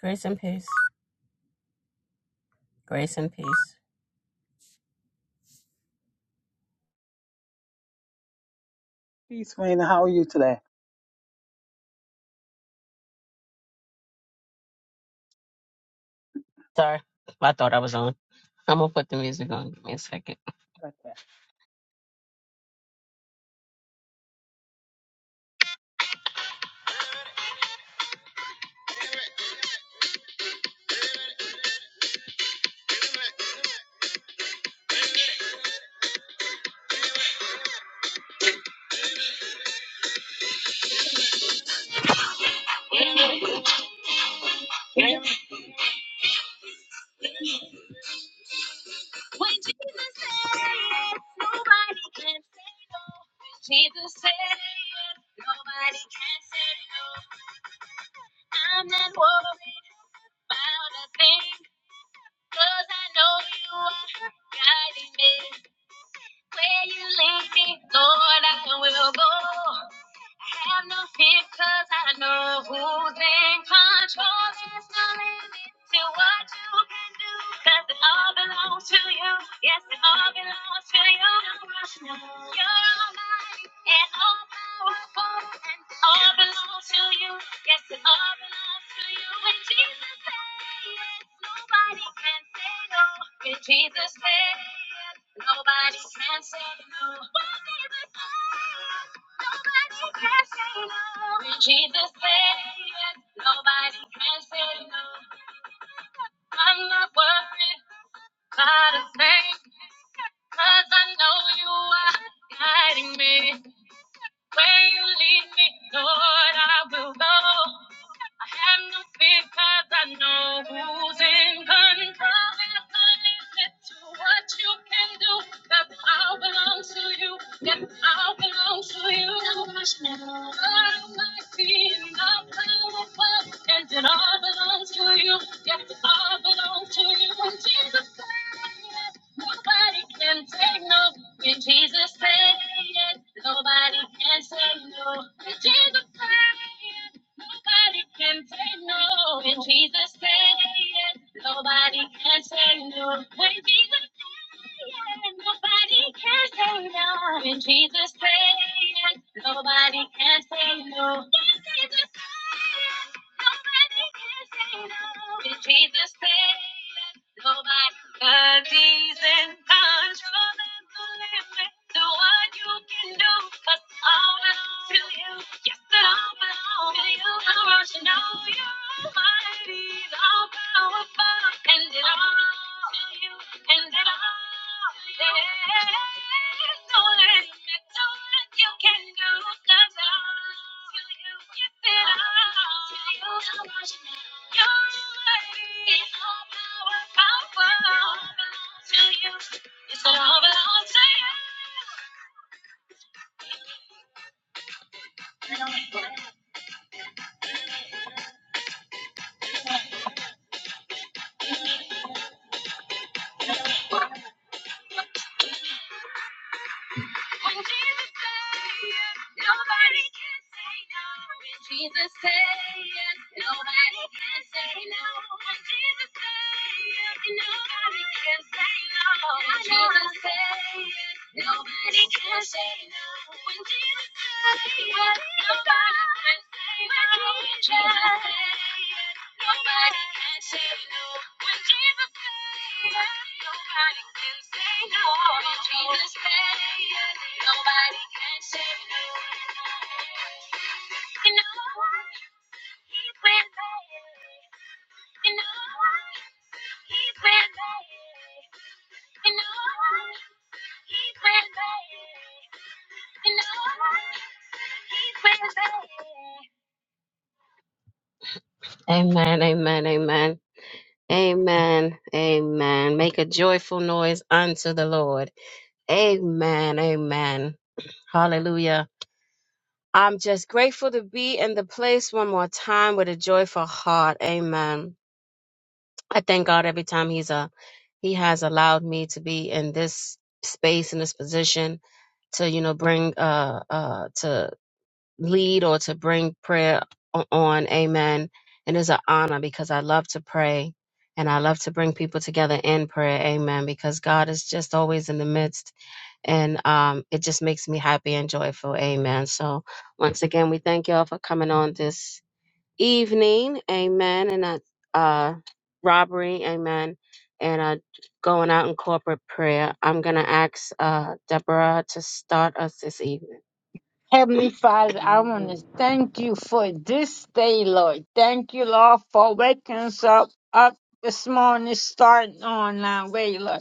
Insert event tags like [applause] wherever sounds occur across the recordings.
Grace and peace. Grace and peace. Peace, Raina. How are you today? Sorry, I thought I was on. I'm gonna put the music on. Give me a second. Okay. I have no fear 'cause I know who's in control. There's no limit to what you can do 'cause it all belongs to you. Yes, it all belongs to you. You're almighty and all powerful and all belongs to you. Yes, it all belongs to you. When Jesus said yes, nobody can say no. When Jesus said yes, nobody can say no. When Jesus said yes, nobody can say no. When Jesus said yes, nobody can say no. I'm not worried about a thing, 'cause I know you are guiding me. Where you lead me, Lord, I will go. I have no fear 'cause I know who's in control. If I listen to what you can do, 'cause I belong to you. Yes, I belong to you. God Almighty and all powerful, and it all belongs to you. Yes, it all belongs to you. Jesus. Nobody can say no. When Jesus said yes, nobody can say no. When Jesus said yes, nobody can say no. When Jesus said yes, nobody can say no. When Jesus said yes, nobody can say no. When Jesus said yes, nobody Nobody can say no. This is the sign. Nobody can say no. It's Jesus said that nobody. Cause he's in control and the limit to what you can do. Cause all belongs to you. Yes, it all belongs to you want to know you're almighty, all powerful, and it all to you, and it all. to you. There's no limit to what you can do, 'cause it all to you, yes, it all to you. You're mighty, all power, power, it all belongs to you. Yes, it all belongs to you. When Jesus say yes, nobody can say no. When Jesus say yes, nobody can say no. When Jesus say yes, nobody can say no. When Jesus say yes, nobody can say no. When Jesus Nobody can say that Jesus said. Nobody can say no when Jesus said. Nobody can say no when Jesus said. Nobody can say no. You know what? He's been there. You know what? He's been there. You know what? He's been there. Amen, amen, amen. Amen, amen. Make a joyful noise unto the Lord. Amen, amen. Hallelujah. I'm just grateful to be in the place one more time with a joyful heart. Amen. I thank God every time He's a He has allowed me to be in this space in this position to you know bring uh uh lead or to bring prayer o- on. Amen. And it's an honor because I love to pray and I love to bring people together in prayer. Amen. Because God is just always in the midst and um, it just makes me happy and joyful. Amen. So once again, we thank y'all for coming on this evening. Amen. And that uh, robbery. Amen. And uh, going out in corporate prayer. I'm going to ask uh, Deborah to start us this evening. Heavenly Father, I want to thank you for this day, Lord. Thank you, Lord, for waking us up, up this morning, starting on our way, Lord.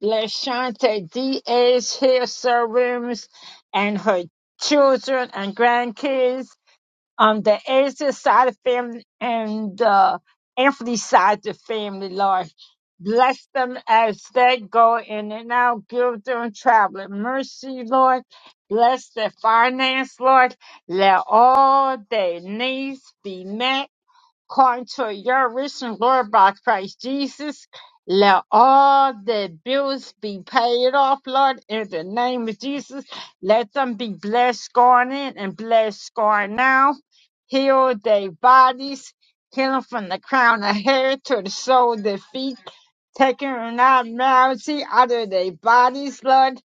Let's LaShanta Diaz here, Sir Williams, and her children and grandkids um the Edison side of family and the Anthony side of family, Lord. Bless them as they go in and out. Give them traveling mercy, Lord. Bless their finance, Lord. Let all their needs be met according to your rich and glory by Christ Jesus. Let all the bills be paid off, Lord, in the name of Jesus. Let them be blessed going in and blessed going out. Heal their bodies, heal 'em from the crown of hair to the sole of their feet, taking abnormality out of their bodies, Lord.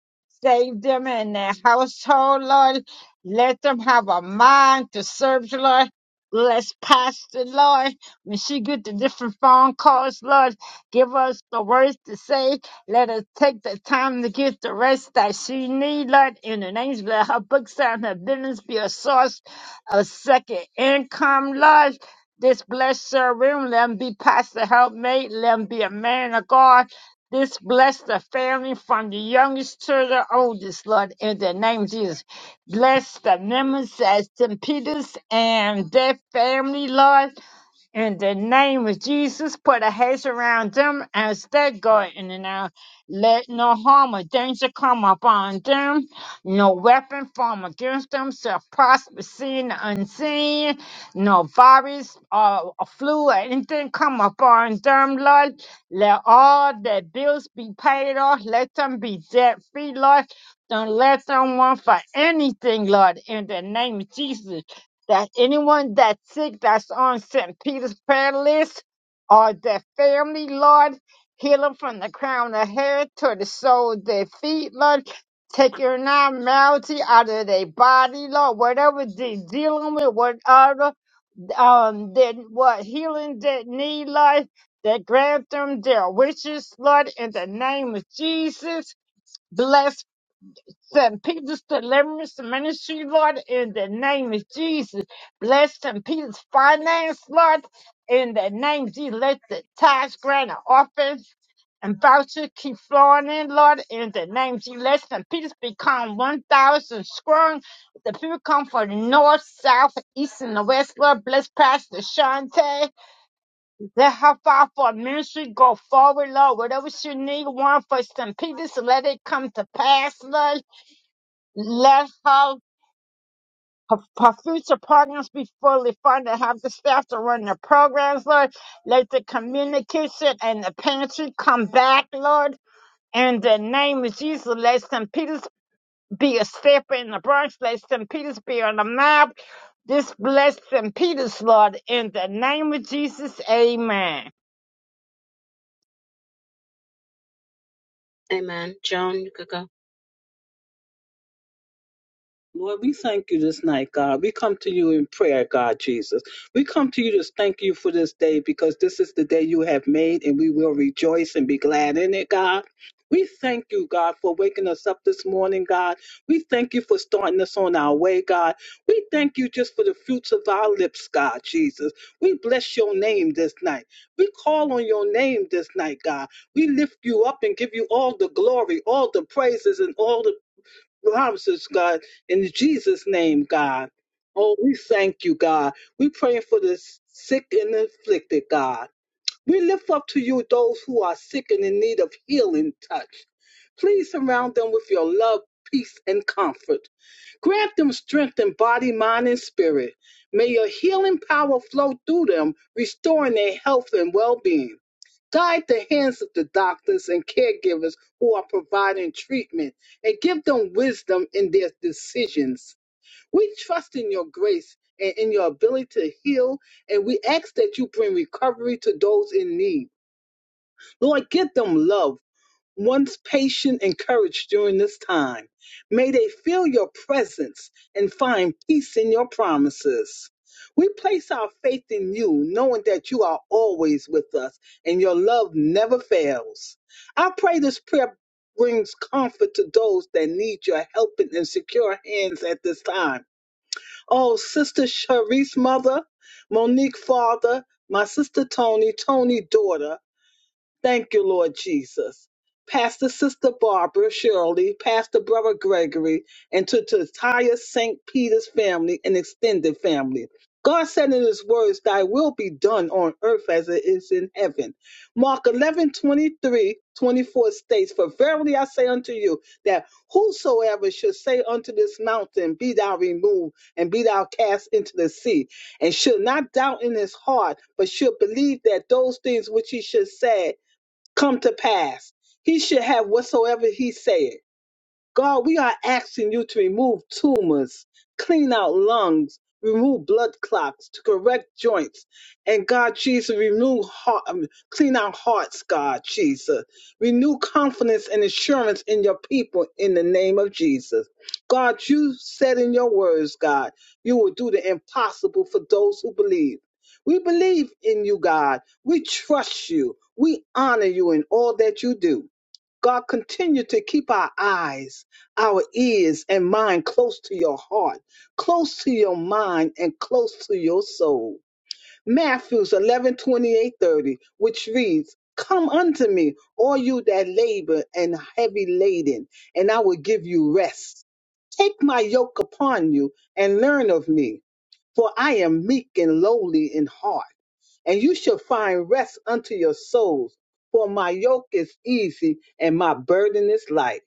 Save them and their household, Lord. Let them have a mind to serve you, Lord. Bless Pastor, Lord. When she get the different phone calls, Lord, give us the words to say. Let us take the time to get the rest that she need, Lord. In the names, let her books and her business be a source of second income, Lord. This bless her room, let him be pastor helpmate, let him be a man of God. This bless the family from the youngest to the oldest, Lord, in the name of Jesus. Bless the memories at St. Peter's and their family, Lord. In the name of Jesus, put a hedge around them as they go in and out. Let no harm or danger come upon them. No weapon formed against them shall prosper, seen or unseen. No virus or, or flu or anything come upon them, Lord. Let all their bills be paid off. Let them be debt free, Lord. Don't let them want for anything, Lord. In the name of Jesus that anyone that's sick that's on St. Peter's prayer list or their family, Lord, heal them from the crown of hair to the sole of their feet, Lord. Take your normality out of their body, Lord. Whatever they're dealing with, whatever um, they, what healing they need, Lord, that grant them their wishes, Lord, in the name of Jesus. Bless St. Peter's Deliverance Ministry, Lord, in the name of Jesus. Bless St. Peter's finance, Lord, in the name of Jesus. Let the tithes, grant, and offerings and vouchers keep flowing in, Lord, in the name of Jesus. Let St. Peter's become 1,000 strong. The people come from the north, south, east, and the west, Lord. Bless Pastor Shante. Let her file for ministry go forward, Lord. Whatever she need, one for St. Peter's, let it come to pass, Lord let her, her, her future partners be fully funded. Have the staff to run their programs, Lord. Let the communication and the pantry come back, Lord. In the name of Jesus, let St. Peter's be a step in the Bronx. Let St. Peter's be on the map. This bless St. Peter's, Lord. In the name of Jesus, amen. Amen. Joan, you could go. Lord, we thank you this night, God. We come to you in prayer, God Jesus. We come to you to thank you for this day because this is the day you have made and we will rejoice and be glad in it, God. We thank you, God, for waking us up this morning, God. We thank you for starting us on our way, God. We thank you just for the fruits of our lips, God, Jesus. We bless your name this night. We call on your name this night, God. We lift you up and give you all the glory, all the praises, and all the promises, God, in Jesus' name, God. Oh, we thank you, God. We pray for the sick and afflicted, God. We lift up to you those who are sick and in need of healing touch. Please surround them with your love, peace, and comfort. Grant them strength in body, mind, and spirit. May your healing power flow through them, restoring their health and well being. Guide the hands of the doctors and caregivers who are providing treatment and give them wisdom in their decisions. We trust in your grace and in your ability to heal, and we ask that you bring recovery to those in need. Lord, give them love one's patient and courage during this time. May they feel your presence and find peace in your promises. We place our faith in you, knowing that you are always with us and your love never fails. I pray this prayer brings comfort to those that need your helping and secure hands at this time. Oh, Sister Sharice, mother, Monique, father, my sister Tony, Tony, daughter, Thank you, Lord Jesus. Pastor Sister Barbara Shirley, Pastor Brother Gregory, and to, the entire St. Peter's family and extended family. God said in his words, Thy will be done on earth as it is in heaven. Mark 11 23 24 states, For verily I say unto you, that whosoever should say unto this mountain, Be thou removed, and be thou cast into the sea, and should not doubt in his heart, but should believe that those things which he should say come to pass. He should have whatsoever he said. God, we are asking you to remove tumors, clean out lungs, remove blood clots, to correct joints. And God, Jesus, renew heart, um, clean our hearts, God, Jesus. Renew confidence and assurance in your people in the name of Jesus. God, you said in your words, God, you will do the impossible for those who believe. We believe in you, God. We trust you. We honor you in all that you do. God, continue to keep our eyes our ears and mind close to your heart, close to your mind, and close to your soul. Matthew 11 twenty-eight, 30, which reads, Come unto me, all you that labor and heavy laden, and I will give you rest. Take my yoke upon you and learn of me, for I am meek and lowly in heart and you shall find rest unto your souls. For my yoke is easy and my burden is light.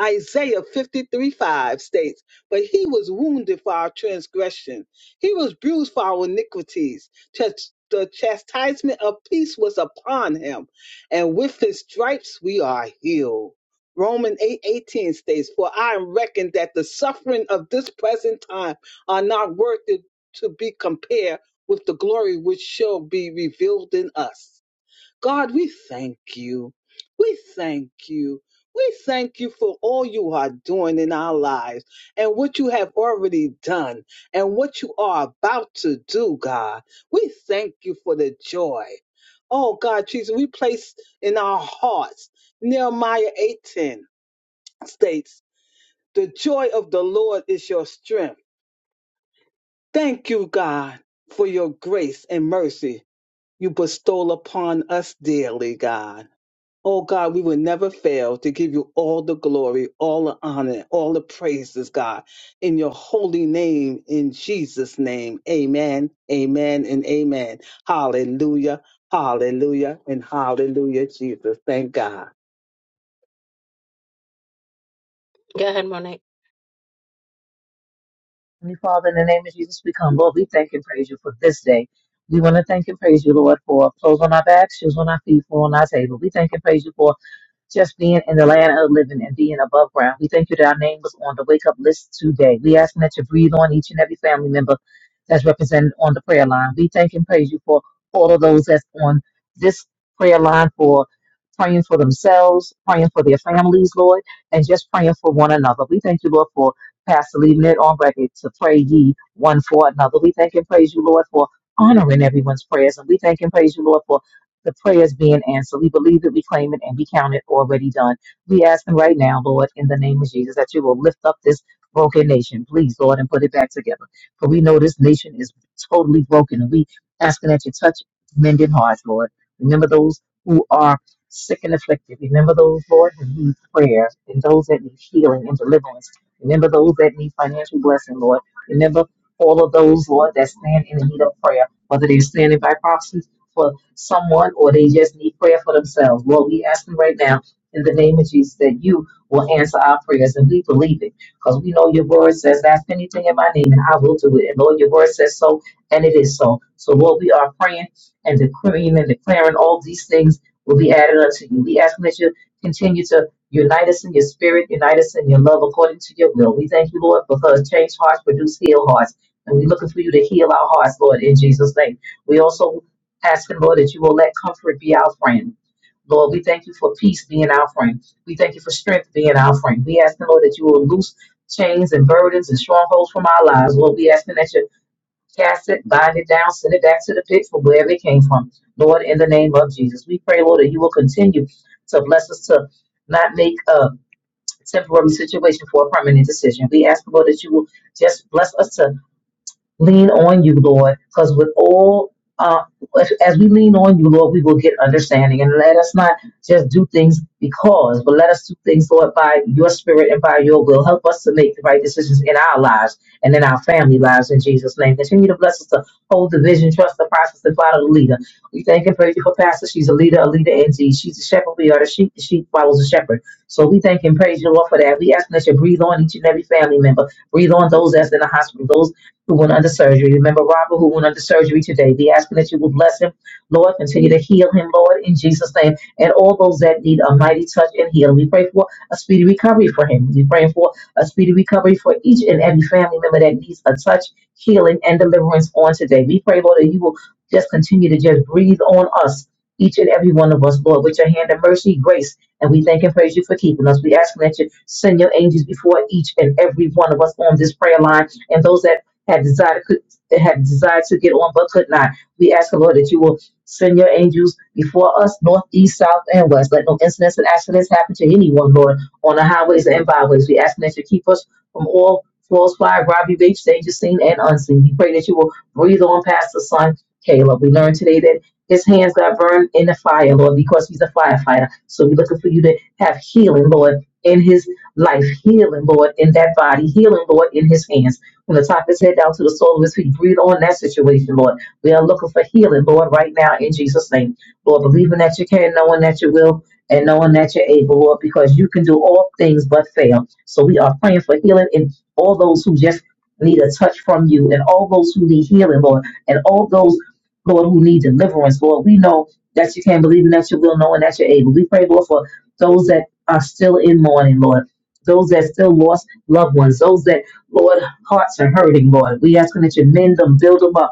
Isaiah 53 5 states, But he was wounded for our transgression, he was bruised for our iniquities. Chas- The chastisement of peace was upon him, and with his stripes we are healed. Romans eight eighteen states, For I am reckoned that the suffering of this present time are not worth it to be compared with the glory which shall be revealed in us. God, we thank you. We thank you. We thank you for all you are doing in our lives and what you have already done and what you are about to do, God. We thank you for the joy. Oh, God, Jesus, we place in our hearts Nehemiah 8:10 states, "The joy of the Lord is your strength." Thank you, God, for your grace and mercy you bestow upon us dearly, God. Oh God, we will never fail to give you all the glory, all the honor, all the praises, God, in your holy name, in Jesus' name. Amen, amen, and amen. Hallelujah, hallelujah, and hallelujah, Jesus. Thank God. Go ahead, Monique. Heavenly Father, in the name of Jesus, we come, Lord. We thank and praise you for this day. We want to thank and praise you, Lord, for clothes on our backs, shoes on our feet, food on our table. We thank and praise you for just being in the land of living and being above ground. We thank you that our name was on the wake up list today. We ask that you breathe on each and every family member that's represented on the prayer line. We thank and praise you for all of those that's on this prayer line for praying for themselves, praying for their families, Lord, and just praying for one another. We thank you, Lord, for Pastor leaving it on record to pray ye one for another. We thank and praise you, Lord, for honoring everyone's prayers. And we thank and praise you, Lord, for the prayers being answered. We believe it, we claim it, and we count it already done. We ask Him right now, Lord, in the name of Jesus, that you will lift up this broken nation, please, Lord, and put it back together. For we know this nation is totally broken, and we asking that you touch mended hearts, Lord. Remember those who are sick and afflicted. Remember those, Lord, who need prayer, and those that need healing and deliverance. Remember those that need financial blessing, Lord. Remember all of those, Lord, that stand in the need of prayer, whether they're standing by proxy for someone or they just need prayer for themselves. Lord, we ask them right now in the name of Jesus that you will answer our prayers and we believe it because we know your word says, ask anything in my name and I will do it. And Lord, your word says so and it is so. So Lord, we are praying and decreeing and declaring all these things will be added unto you. We ask that you continue to unite us in your spirit, unite us in your love according to your will. We thank you, Lord, because change hearts produce healed hearts. And we're looking for you to heal our hearts, Lord, in Jesus' name. We also Asking, Lord, that you will let comfort be our friend. Lord, we thank you for peace being our friend. We thank you for strength being our friend. We ask, Lord, that you will loose chains and burdens and strongholds from our lives. Lord, we ask that you cast it, bind it down, send it back to the pit from wherever it came from. Lord, in the name of Jesus, we pray, Lord, that you will continue to bless us to not make a temporary situation for a permanent decision. We ask, Lord, that you will just bless us to lean on you, Lord, because with all uh, as as we lean on you, Lord, we will get understanding. And let us not just do things because, but let us do things, Lord, by your spirit and by your will. Help us to make the right decisions in our lives and in our family lives in Jesus' name. Continue to bless us to hold the vision, trust the process, and follow the leader. We thank and praise you for Pastor. She's a leader, a leader indeed. She's a shepherd. We are the sheep. The sheep follows the shepherd. So we thank and praise you, Lord, for that. We ask that you breathe on each and every family member. Breathe on those that's in the hospital, those who went under surgery. Remember Robert who went under surgery today. We ask that you would bless him, Lord. Continue to heal him, Lord, in Jesus' name. And all those that need a mighty touch and healing. We pray for a speedy recovery for him. We pray for a speedy recovery for each and every family member that needs a touch, healing, and deliverance on today. We pray, Lord, that you will just continue to just breathe on us. Each and every one of us, Lord, with your hand of mercy, grace, and we thank and praise you for keeping us. We ask that you send your angels before each and every one of us on this prayer line and those that had desired could had desired to get on but could not. We ask the Lord that you will send your angels before us, north, east, south, and west. Let no incidents and accidents happen to anyone, Lord, on the highways and byways. We ask that you keep us from all false fire, robbery, rape, danger, seen and unseen. We pray that you will breathe on Pastor Son Caleb. We learned today that his hands got burned in the fire, Lord, because he's a firefighter. So we're looking for you to have healing, Lord, in his life, healing, Lord, in that body, healing, Lord, in his hands. From the top of his head down to the sole of his feet, breathe on that situation, Lord. We are looking for healing, Lord, right now in Jesus' name. Lord, believing that you can, knowing that you will, and knowing that you're able, Lord, because you can do all things but fail. So we are praying for healing in all those who just need a touch from you, and all those who need healing, Lord, and all those, Lord, who need deliverance, Lord. We know that you can, believing that you will, knowing that you're able. We pray, Lord, for those that are still in mourning, Lord. Those that still lost loved ones, those that, Lord, hearts are hurting, Lord. We asking that you mend them, build them up.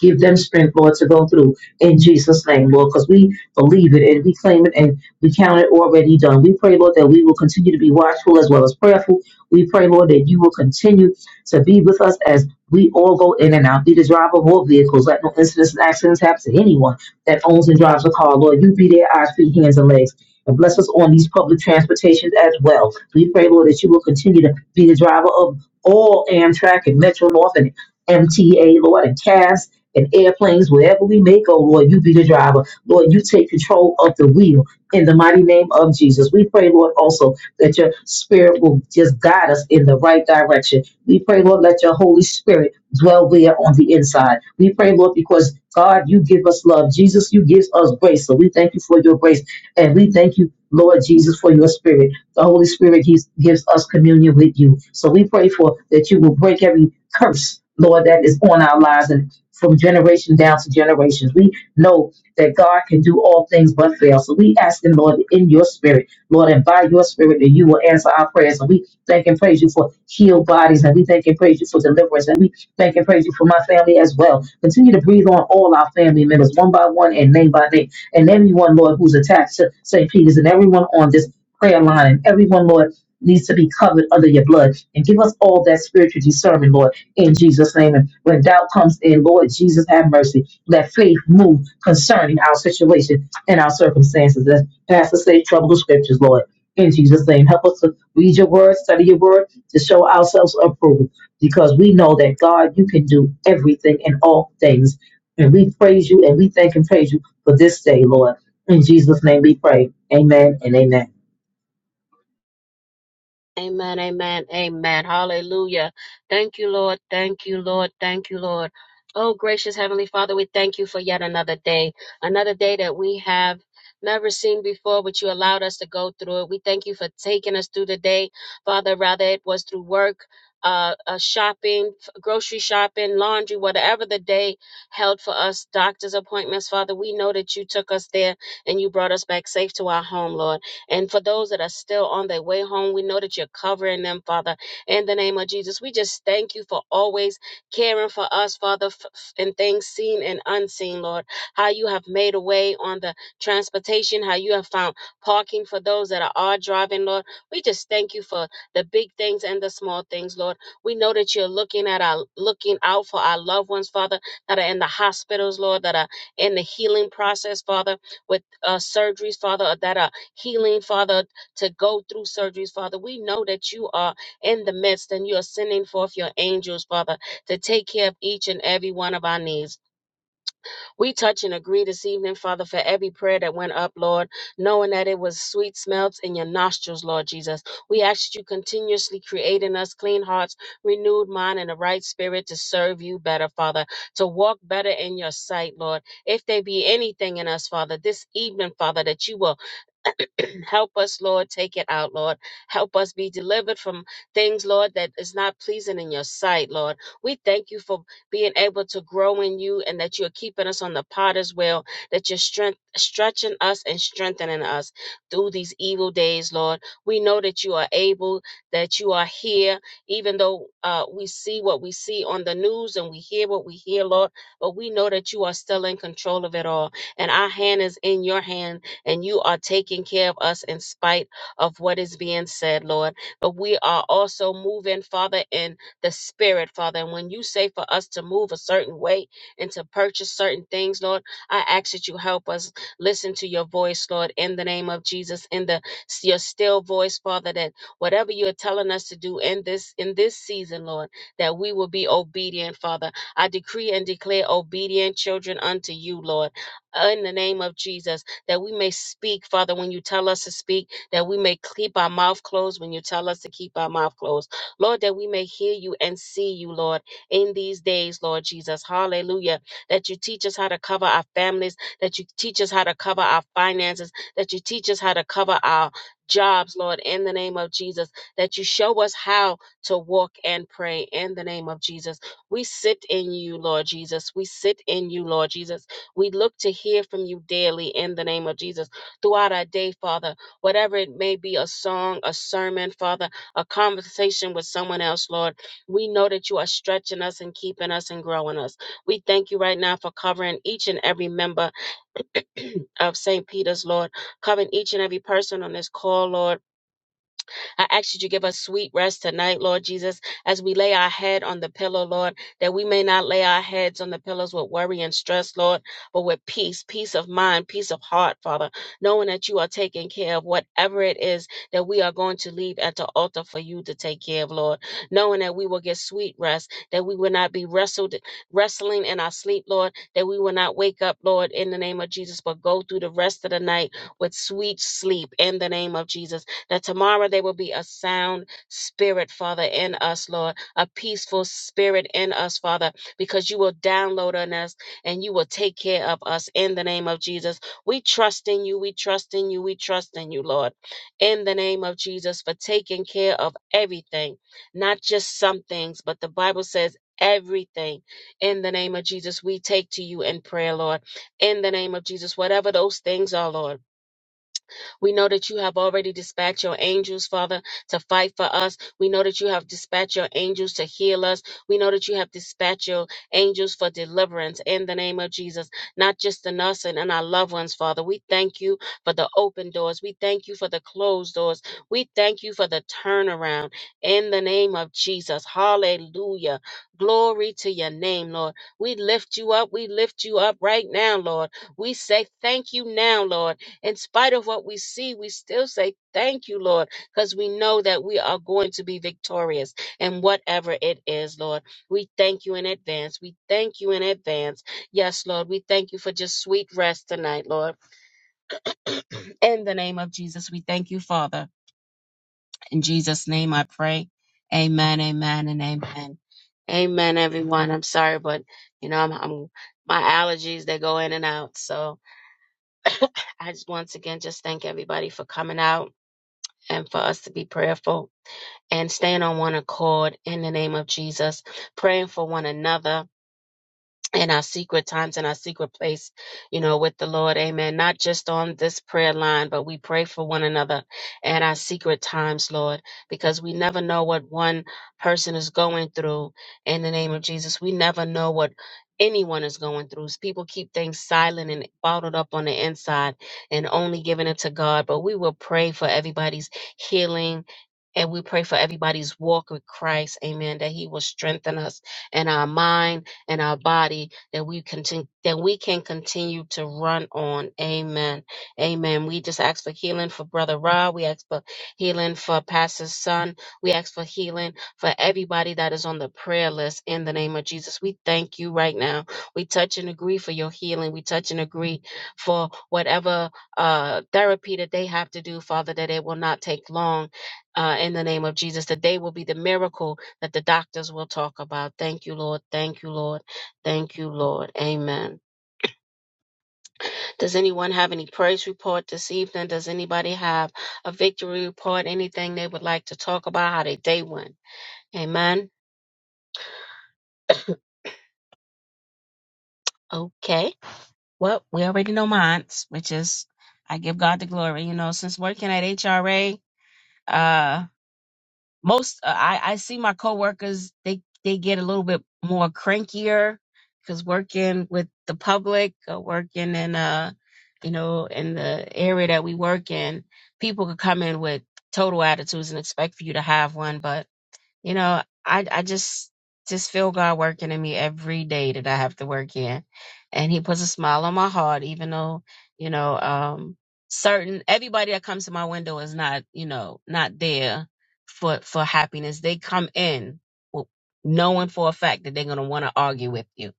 Give them strength, Lord, to go through in Jesus' name, Lord, because we believe it and we claim it and we count it already done. We pray, Lord, that we will continue to be watchful as well as prayerful. We pray, Lord, that you will continue to be with us as we all go in and out. Be the driver of all vehicles. Let no incidents and accidents happen to anyone that owns and drives a car. Lord, you be their eyes, feet, hands, and legs. And bless us on these public transportations as well. We pray, Lord, that you will continue to be the driver of all Amtrak and Metro North and MTA, Lord, and CAS and airplanes, wherever we may go, Lord, you be the driver. Lord, you take control of the wheel in the mighty name of Jesus. We pray, Lord, also that your spirit will just guide us in the right direction. We pray, Lord, let your Holy Spirit dwell there on the inside. We pray, Lord, because God, you give us love. Jesus, you give us grace. So we thank you for your grace. And we thank you, Lord Jesus, for your spirit. The Holy Spirit he's, gives us communion with you. So we pray for that you will break every curse, Lord, that is on our lives and from generation down to generations. We know that God can do all things but fail. So we ask Him, Lord, in your spirit, Lord, and by your spirit, that you will answer our prayers. And we thank and praise you for healed bodies, and we thank and praise you for deliverance, and we thank and praise you for my family as well. Continue to breathe on all our family members, one by one and name by name, and everyone, Lord, who's attached to St. Peter's, and everyone on this prayer line and everyone, Lord, needs to be covered under your blood. And give us all that spiritual discernment, Lord, in Jesus' name. And when doubt comes in, Lord Jesus, have mercy. Let faith move concerning our situation and our circumstances. As Pastor say, trouble the scriptures, Lord. In Jesus' name, help us to read your word, study your word, to show ourselves approved, because we know that God, you can do everything and all things. And we praise you and we thank and praise you for this day, Lord. In Jesus' name we pray. Amen and amen. Amen, amen, amen. Hallelujah. Thank you, Lord. Thank you, Lord. Thank you, Lord. Oh, gracious Heavenly Father, we thank you for yet another day, another day that we have never seen before, but you allowed us to go through it. We thank you for taking us through the day, Father, rather it was through work. Uh, uh, shopping, f- grocery shopping, laundry, whatever the day held for us, doctor's appointments, Father, we know that you took us there and you brought us back safe to our home, Lord. And for those that are still on their way home, we know that you're covering them, Father, in the name of Jesus. We just thank you for always caring for us, Father, f- f- in things seen and unseen, Lord. How you have made a way on the transportation, how you have found parking for those that are, are driving, Lord. We just thank you for the big things and the small things, Lord. We know that you're looking at our looking out for our loved ones, Father, that are in the hospitals, Lord, that are in the healing process, Father, with uh, surgeries, Father, that are healing, Father, to go through surgeries, Father. We know that you are in the midst and you are sending forth your angels, Father, to take care of each and every one of our needs. We touch and agree this evening, Father, for every prayer that went up, Lord, knowing that it was sweet smells in your nostrils, Lord Jesus. We ask that you continuously create in us clean hearts, renewed mind, and a right spirit to serve you better, Father, to walk better in your sight, Lord. If there be anything in us, Father, this evening, Father, that you will [clears throat] Help us, Lord. Take it out, Lord. Help us be delivered from things, Lord, that is not pleasing in your sight, Lord. We thank you for being able to grow in you and that you're keeping us on the potter's wheel, that you're strength, stretching us and strengthening us through these evil days, Lord. We know that you are able, that you are here, even though uh, we see what we see on the news and we hear what we hear, Lord. But we know that you are still in control of it all. And our hand is in your hand and you are taking care of us in spite of what is being said, Lord. But we are also moving, Father, in the spirit, Father. And when you say for us to move a certain way and to purchase certain things, Lord, I ask that you help us listen to your voice, Lord, in the name of Jesus, in the your still voice, Father, that whatever you're telling us to do in this in this season, Lord, that we will be obedient, Father. I decree and declare obedient children unto you, Lord, in the name of Jesus that we may speak, Father, when you tell us to speak, that we may keep our mouth closed when you tell us to keep our mouth closed. Lord, that we may hear you and see you, Lord, in these days, Lord Jesus. Hallelujah. That you teach us how to cover our families, that you teach us how to cover our finances, that you teach us how to cover our jobs, Lord, in the name of Jesus, that you show us how to walk and pray in the name of Jesus. We sit in you, Lord Jesus. We sit in you, Lord Jesus. We look to hear from you daily in the name of Jesus throughout our day, Father. Whatever it may be a song, a sermon, Father, a conversation with someone else, Lord. We know that you are stretching us and keeping us and growing us. We thank you right now for covering each and every member [clears throat] of St. Peter's, Lord. Covering each and every person on this call, Lord I ask that you give us sweet rest tonight, Lord Jesus, as we lay our head on the pillow, Lord, that we may not lay our heads on the pillows with worry and stress, Lord, but with peace, peace of mind, peace of heart, Father, knowing that you are taking care of whatever it is that we are going to leave at the altar for you to take care of, Lord, knowing that we will get sweet rest, that we will not be wrestled, wrestling in our sleep, Lord, that we will not wake up, Lord, in the name of Jesus, but go through the rest of the night with sweet sleep in the name of Jesus that tomorrow there will be a sound spirit, Father, in us, Lord, a peaceful spirit in us, Father, because you will download on us and you will take care of us in the name of Jesus. We trust in you, we trust in you, we trust in you, Lord, in the name of Jesus for taking care of everything, not just some things, but the Bible says, Everything in the name of Jesus, we take to you in prayer, Lord. In the name of Jesus, whatever those things are, Lord. We know that you have already dispatched your angels, Father, to fight for us. We know that you have dispatched your angels to heal us. We know that you have dispatched your angels for deliverance in the name of Jesus, not just in us and in our loved ones, Father. We thank you for the open doors. We thank you for the closed doors. We thank you for the turnaround in the name of Jesus. Hallelujah. Glory to your name, Lord. We lift you up. We lift you up right now, Lord. We say thank you now, Lord. In spite of what we see, we still say, Thank you, Lord, because we know that we are going to be victorious in whatever it is, Lord. We thank you in advance. We thank you in advance. Yes, Lord, we thank you for just sweet rest tonight, Lord. [clears throat] in the name of Jesus, we thank you, Father. In Jesus' name I pray. Amen, amen, and amen. Amen, everyone. I'm sorry, but you know, I'm, I'm my allergies, they go in and out. So I just once again just thank everybody for coming out and for us to be prayerful and stand on one accord in the name of Jesus, praying for one another in our secret times in our secret place, you know, with the Lord. Amen. Not just on this prayer line, but we pray for one another at our secret times, Lord, because we never know what one person is going through in the name of Jesus. We never know what anyone is going through. People keep things silent and bottled up on the inside and only giving it to God, but we will pray for everybody's healing and we pray for everybody's walk with Christ, amen, that he will strengthen us in our mind and our body, that we continue that we can continue to run on. Amen. Amen. We just ask for healing for Brother Rob. We ask for healing for Pastor's son. We ask for healing for everybody that is on the prayer list in the name of Jesus. We thank you right now. We touch and agree for your healing. We touch and agree for whatever uh therapy that they have to do, Father, that it will not take long uh, in the name of Jesus. Today will be the miracle that the doctors will talk about. Thank you, Lord. Thank you, Lord. Thank you, Lord. Amen. Does anyone have any praise report this evening? Does anybody have a victory report? Anything they would like to talk about? How their day went? Amen. Okay. Well, we already know mine, which is I give God the glory. You know, since working at HRA, most uh, I I see my coworkers they they get a little bit more crankier because working with the public, or working in uh you know in the area that we work in, people could come in with total attitudes and expect for you to have one, but you know, I I just just feel God working in me every day that I have to work in. And he puts a smile on my heart, even though, you know, um certain everybody that comes to my window is not, you know, not there for for happiness. They come in w- knowing for a fact that they're gonna want to argue with you.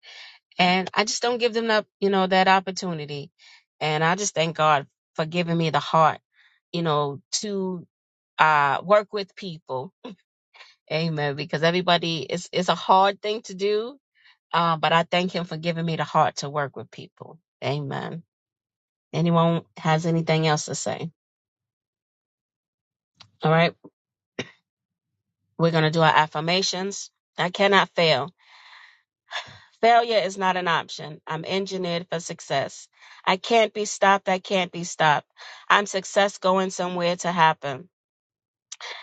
And I just don't give them that, you know, that opportunity. And I just thank God for giving me the heart, you know, to uh work with people Amen. Because everybody, it's it's a hard thing to do, uh, but I thank Him for giving me the heart to work with people. Amen. Anyone has anything else to say? All right, we're gonna do our affirmations. I cannot fail. Failure is not an option. I'm engineered for success. I can't be stopped. I can't be stopped. I'm success going somewhere to happen.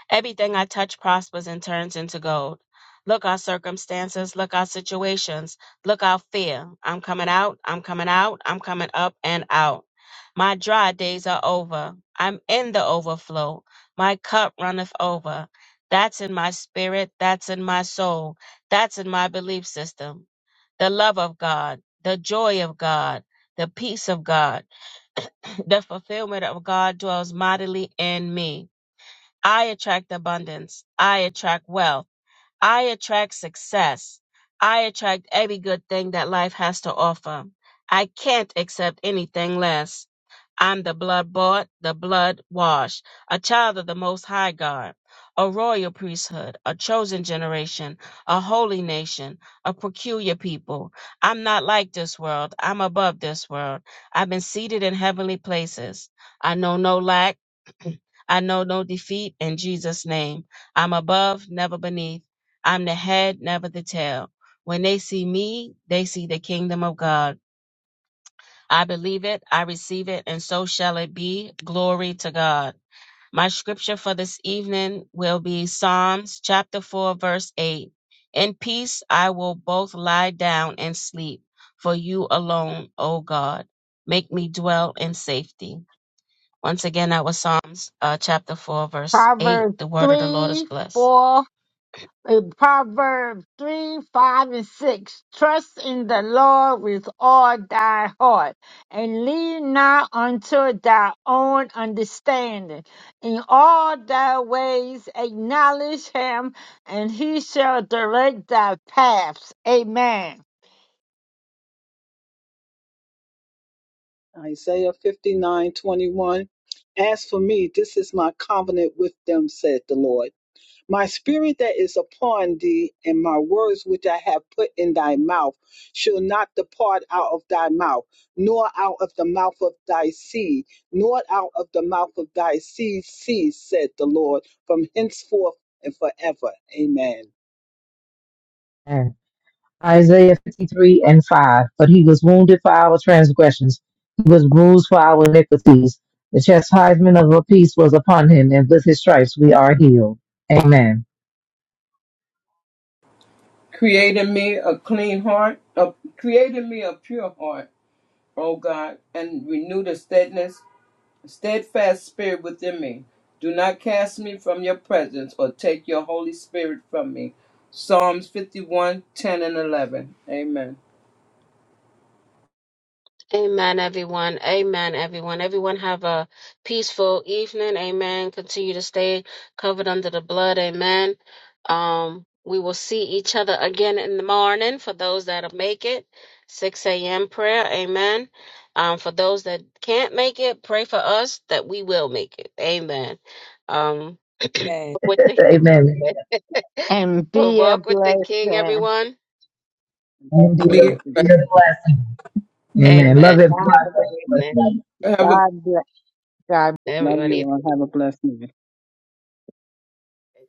Everything I touch prospers and turns into gold. Look our circumstances, look our situations, look our fear. I'm coming out, I'm coming out, I'm coming up and out. My dry days are over. I'm in the overflow. My cup runneth over. That's in my spirit, that's in my soul, that's in my belief system. The love of God, the joy of God, the peace of God, [clears throat] the fulfillment of God dwells mightily in me. I attract abundance. I attract wealth. I attract success. I attract every good thing that life has to offer. I can't accept anything less. I'm the blood bought, the blood washed, a child of the Most High God, a royal priesthood, a chosen generation, a holy nation, a peculiar people. I'm not like this world. I'm above this world. I've been seated in heavenly places. I know no lack. [clears throat] I know no defeat in Jesus' name. I'm above, never beneath. I'm the head, never the tail. When they see me, they see the kingdom of God. I believe it, I receive it, and so shall it be. Glory to God. My scripture for this evening will be Psalms chapter 4, verse 8. In peace I will both lie down and sleep, for you alone, O God, make me dwell in safety. Once again, that was Psalms uh, chapter 4, verse 8. Proverbs The word of the Lord is 3, blessed. 4, In Proverbs 3, 5, and 6. Trust in the Lord with all thy heart, and lean not unto thy own understanding. In all thy ways acknowledge him, and he shall direct thy paths. Amen. Isaiah fifty nine twenty one. As for me, this is my covenant with them, said the Lord. My spirit that is upon thee, and my words which I have put in thy mouth, shall not depart out of thy mouth, nor out of the mouth of thy seed, nor out of the mouth of thy seed, seed, said the Lord, from henceforth and forever. Amen. Amen. Isaiah 53 and 5. But he was wounded for our transgressions, he was bruised for our iniquities. The chastisement of our peace was upon him, and with his stripes we are healed. Amen. Create in me a clean heart, a, create in me a pure heart, O God, and renew the steadiness, steadfast spirit within me. Do not cast me from your presence or take your Holy Spirit from me. Psalms 51:10 and 11. Amen. Amen, everyone. Amen, everyone. Everyone have a peaceful evening. Amen. Continue to stay covered under the blood. Amen. Um, we will see each other again in the morning for those that'll make it. 6 a.m. prayer. Amen. Um, for those that can't make it, pray for us that we will make it. Amen. Um, [coughs] [clears throat] with the [laughs] Amen. [laughs] And be a walk with the King, blessing. everyone. Indeed, Be Blessings. blessed. a blessing. Amen. Love Amen. it. Y'all Have a good evening. Have a God bless. God Love Everyone, you eat. all. Have a blessed night.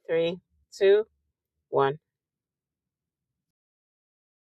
three, two, one.